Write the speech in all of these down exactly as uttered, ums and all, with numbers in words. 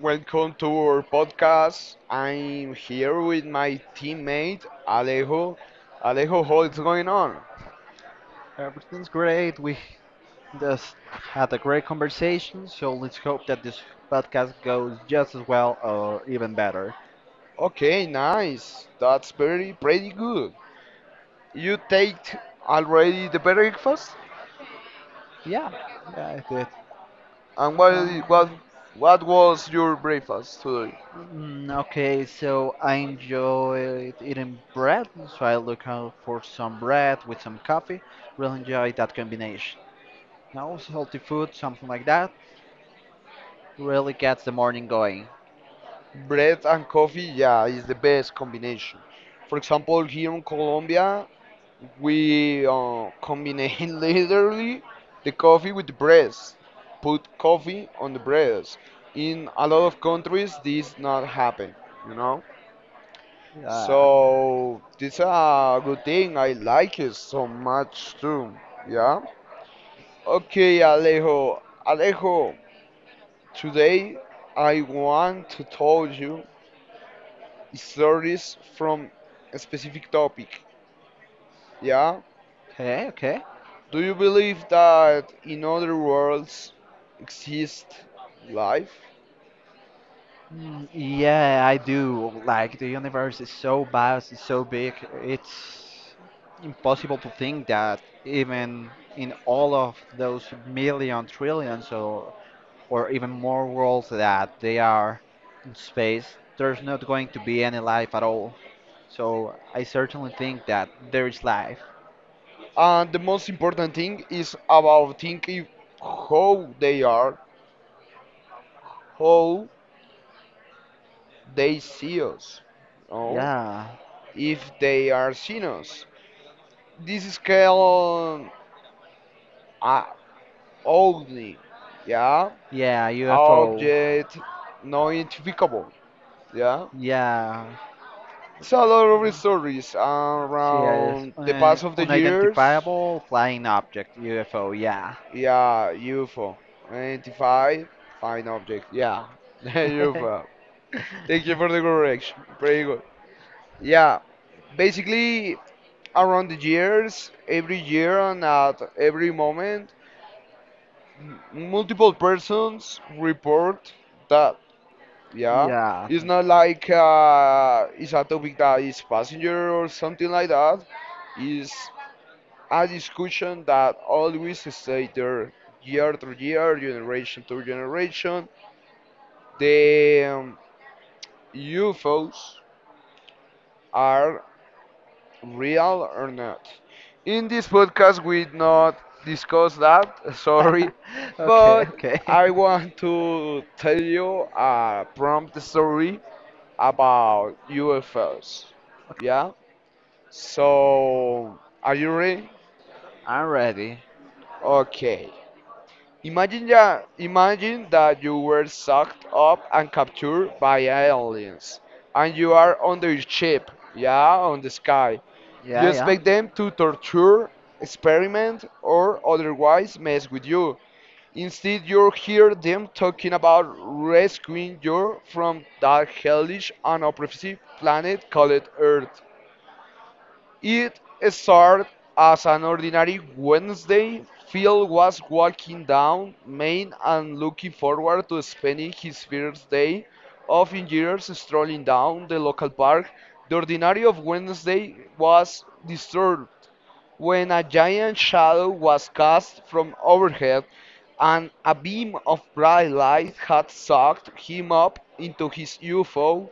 Welcome to our podcast. I'm here with my teammate Alejo. Alejo, what's going on? Everything's great. We just had a great conversation, so let's hope that this podcast goes just as well or even better. Okay, nice. That's pretty pretty good. You take already the breakfast? Yeah, yeah, it did. And what what Um, what was your breakfast today? mm, okay, so I enjoyed eating bread, so I look out for some bread with some coffee. Really enjoy that combination. And also healthy food, something like that, really gets the morning going. Bread and coffee, yeah, is the best combination. For example, here in Colombia, we uh, combine literally the coffee with the breast. Put coffee on the breast. In a lot of countries, this not happen, you know. Yeah. So this a good thing. I like it so much too. Yeah. Okay, Alejo. Alejo, today I want to tell you stories from a specific topic. Yeah. Okay, okay. Do you believe that in other worlds exist life? Mm, yeah, I do. Like, the universe is so vast, it's so big. It's impossible to think that even in all of those million trillions or or even more worlds that they are in space, there's not going to be any life at all. So I certainly think that there is life. And the most important thing is about thinking how they are, how they see us, no? Yeah. If they are seeing us. This is called uh, only, yeah, Yeah, U F O. object not identifiable, yeah. Yeah. It's a lot of stories See, it's around the an past of the years. unidentifiable flying object, U F O, yeah. Yeah, U F O. Identify, find object. Yeah, U F O. Thank you for the correction. Pretty good. Yeah, basically, around the years, every year and at every moment, m- multiple persons report that. Yeah, Yeah. it's not like uh, it's a topic that is passenger or something like that. It's a discussion that always stay there year to year, generation to generation, the um, U F Os are real or not. In this podcast, we not discuss that. Sorry, Okay, but okay. I want to tell you a prompt story about U F Os. Yeah. So, are you ready? I'm ready. Okay. Imagine that, imagine that you were sucked up and captured by aliens, and you are on their ship, yeah, on the sky. Yeah, You expect yeah. them to torture, experiment, or otherwise mess with you. Instead, you hear them talking about rescuing you from that hellish and oppressive planet called Earth. It started as an ordinary Wednesday. Phil was walking down Main and looking forward to spending his first day of in years strolling down the local park. The ordinary of Wednesday was disturbed when a giant shadow was cast from overhead, and a beam of bright light had sucked him up into his U F O,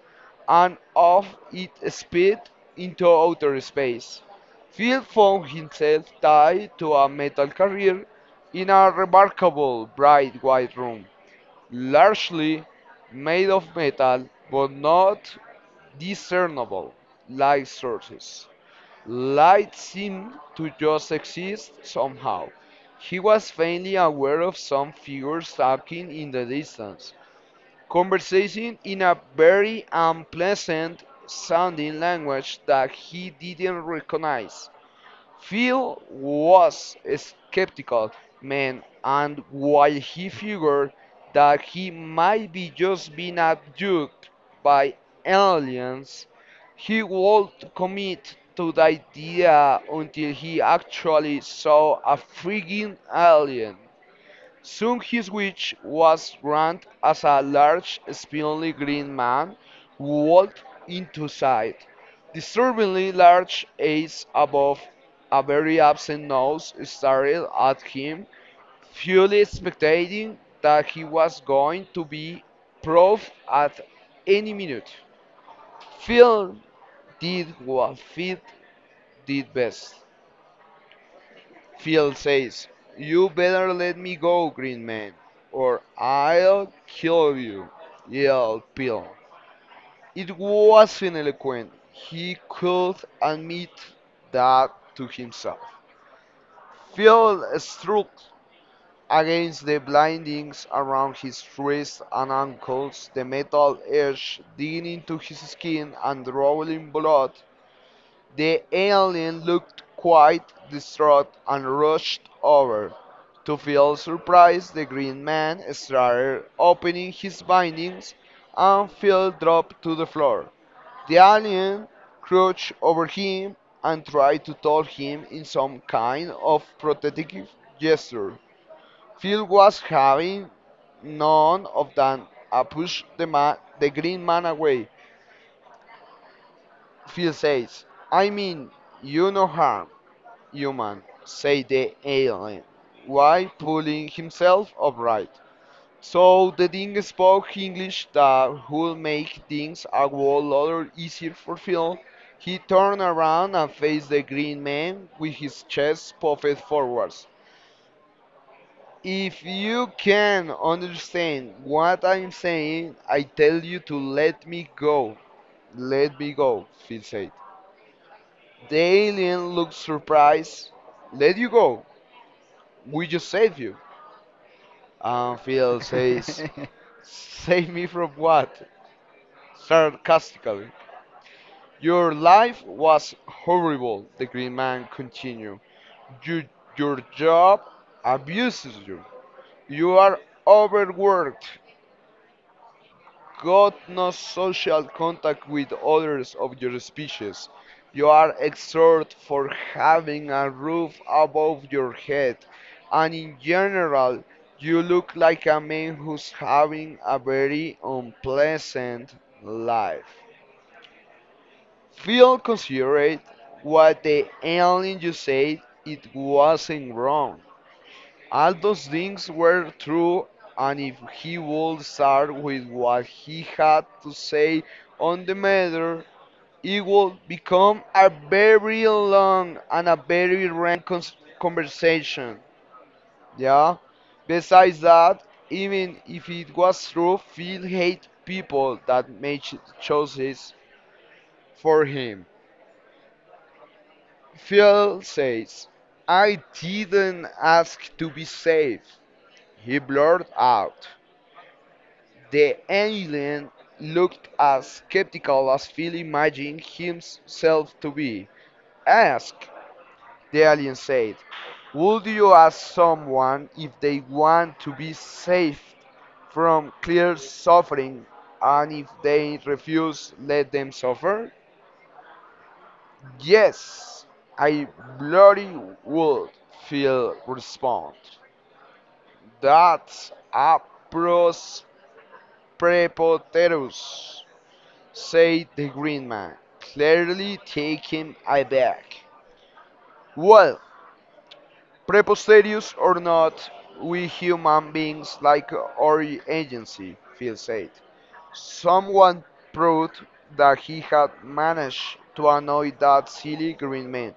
and off it sped into outer space. Phil found himself tied to a metal carrier in a remarkable bright white room, largely made of metal but not discernible light sources. Light seemed to just exist somehow. He was faintly aware of some figures talking in the distance, conversing in a very unpleasant sounding language that he didn't recognize. Phil was skeptical, man, and while he figured that he might be just being abducted by aliens, he would commit to the idea until he actually saw a freaking alien. Soon his wish was granted as a large, spindly green man walked into sight, disturbingly large eyes above a very absent nose stared at him, fully expecting that he was going to be proved at any minute. Phil did what Phil did best. Phil says, "You better let me go, Green Man, or I'll kill you," yelled Bill. It wasn't eloquent. He could admit that to himself. Phil struck against the blindings around his wrists and ankles, the metal edge digging into his skin and drawing blood. The alien looked quite distraught and rushed over. To feel surprised, the green man started opening his bindings and fell dropped to the floor. The alien crouched over him and tried to tell him in some kind of protective gesture. Phil was having none of that and pushed the ma- the green man away. Phil says, "I mean, you no harm. Human," said the alien, while pulling himself upright. So the thing spoke English. That would make things a whole lot easier for Phil. He turned around and faced the green man with his chest puffed forwards. "If you can understand what I'm saying, I tell you to let me go. Let me go," Phil said. The alien looked surprised. "Let you go. We just saved you." And Fidel says, "Save me from what?" sarcastically. "Your life was horrible," the green man continued. "You, your job abuses you. You are overworked. Got no social contact with others of your species. You are exhorted for having a roof above your head, and in general, you look like a man who's having a very unpleasant life." Feel considerate what the alien you said it wasn't wrong. All those things were true, and if he would start with what he had to say on the matter, it would become a very long and a very rant cons- conversation. Yeah. Besides that, even if it was true, Phil hate people that made ch- choices for him. Phil says, "I didn't ask to be saved." He blurted out. The alien looked as skeptical as Phil imagined himself to be. "Ask," the alien said. "Would you ask someone if they want to be saved from clear suffering and if they refuse, let them suffer?" "Yes, I bloody would," Phil responded. "That's a pros prepoterus," said the Green Man, clearly taken aback. "Well, preposterous or not, we human beings like our agency," Phil said. Someone proved that he had managed to annoy that silly green man.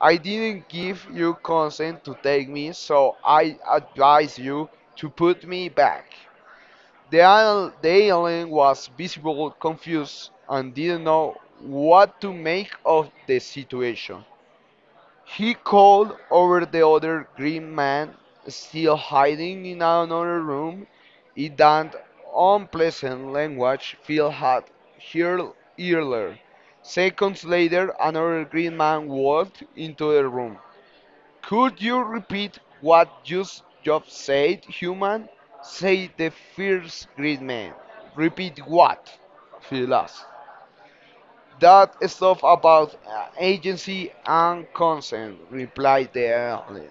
"I didn't give you consent to take me, so I advise you to put me back." The, isl- the alien was visible confused and didn't know what to make of the situation. He called over the other green man, still hiding in another room, in that unpleasant language Phil had heard earlier. Seconds later, another green man walked into the room. "Could you repeat what you s- just said, human?" said the first great man. "Repeat what? She lost. That stuff about uh, agency and consent," replied the alien.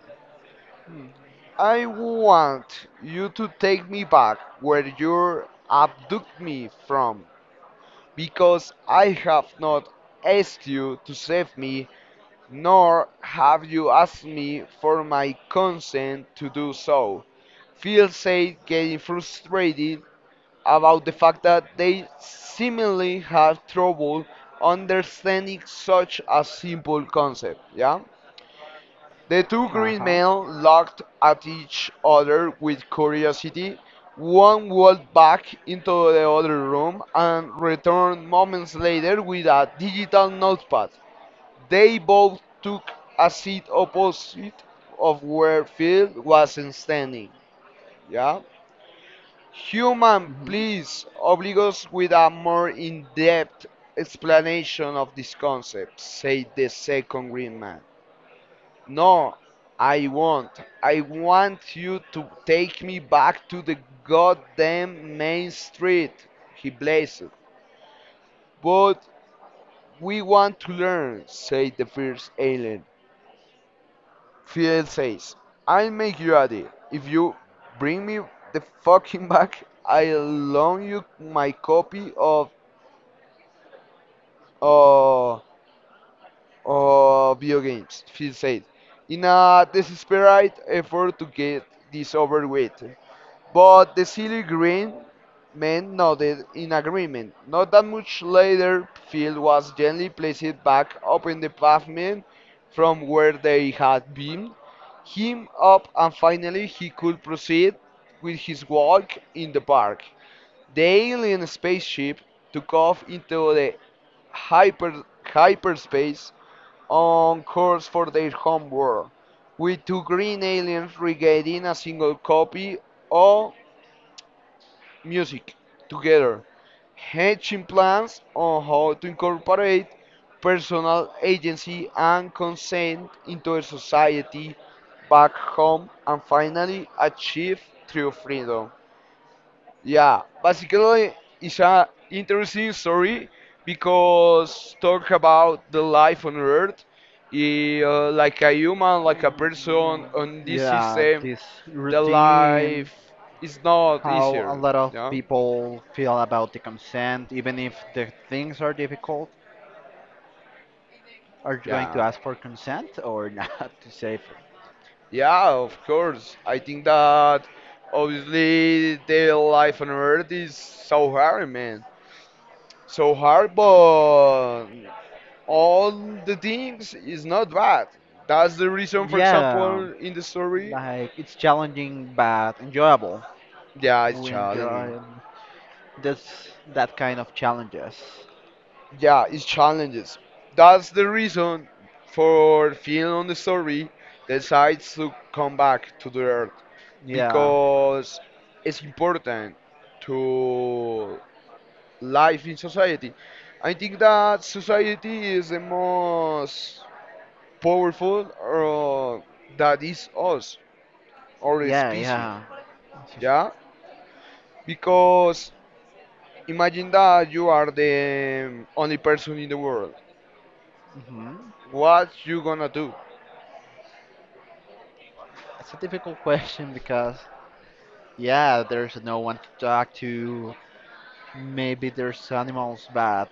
"I want you to take me back where you abducted me from, because I have not asked you to save me nor have you asked me for my consent to do so." Feel said, getting frustrated about the fact that they seemingly have trouble understanding such a simple concept. Yeah? The two Uh green men huh. looked at each other with curiosity. One walked back into the other room and returned moments later with a digital notepad. They both took a seat opposite of where Phil was standing. Yeah. "Human, Mhm. please oblige us with a more in-depth explanation of this concept," said the second green man. "No, I won't. I want you to take me back to the goddamn main street," he blazed. "But we want to learn," said the first alien. Fidel says, "I'll make you a deal. If you bring me the fucking back, I'll loan you my copy of uh, uh, video games," Fidel said, in a desperate effort to get this over with. But the silly green men nodded in agreement. Not that much later, Phil was gently placed back up in the pavement from where they had been, him up, and finally he could proceed with his walk in the park. The alien spaceship took off into the hyper hyperspace on course for their home world, with two green aliens regaining a single copy of music together, hatching plans on how to incorporate personal agency and consent into a society back home and finally achieve true freedom. Yeah, basically it's a interesting story because talk about the life on earth eh, uh, like a human, like a person Mm, on this yeah, system, this the routine, life is not how a easier. lot of Yeah, people feel about the consent, even if the things are difficult. Are you going to yeah. ask for consent or not to save it? Yeah, of course. I think that obviously the life on Earth is so hard, man. So hard, but all the things is not bad. That's the reason, for Yeah, example, in the story, like it's challenging but enjoyable. yeah, it's We challenging. enjoy this, that kind of challenges. Yeah, it's challenges. That's the reason for feeling on the story decides to come back to the Earth Yeah, because it's important to life in society. I think that society is the most powerful or that is us or a yeah, species. yeah. Yeah? Because imagine that you are the um, only person in the world. Hmm. What you gonna do? It's a difficult question because yeah, there's no one to talk to. Maybe there's animals, but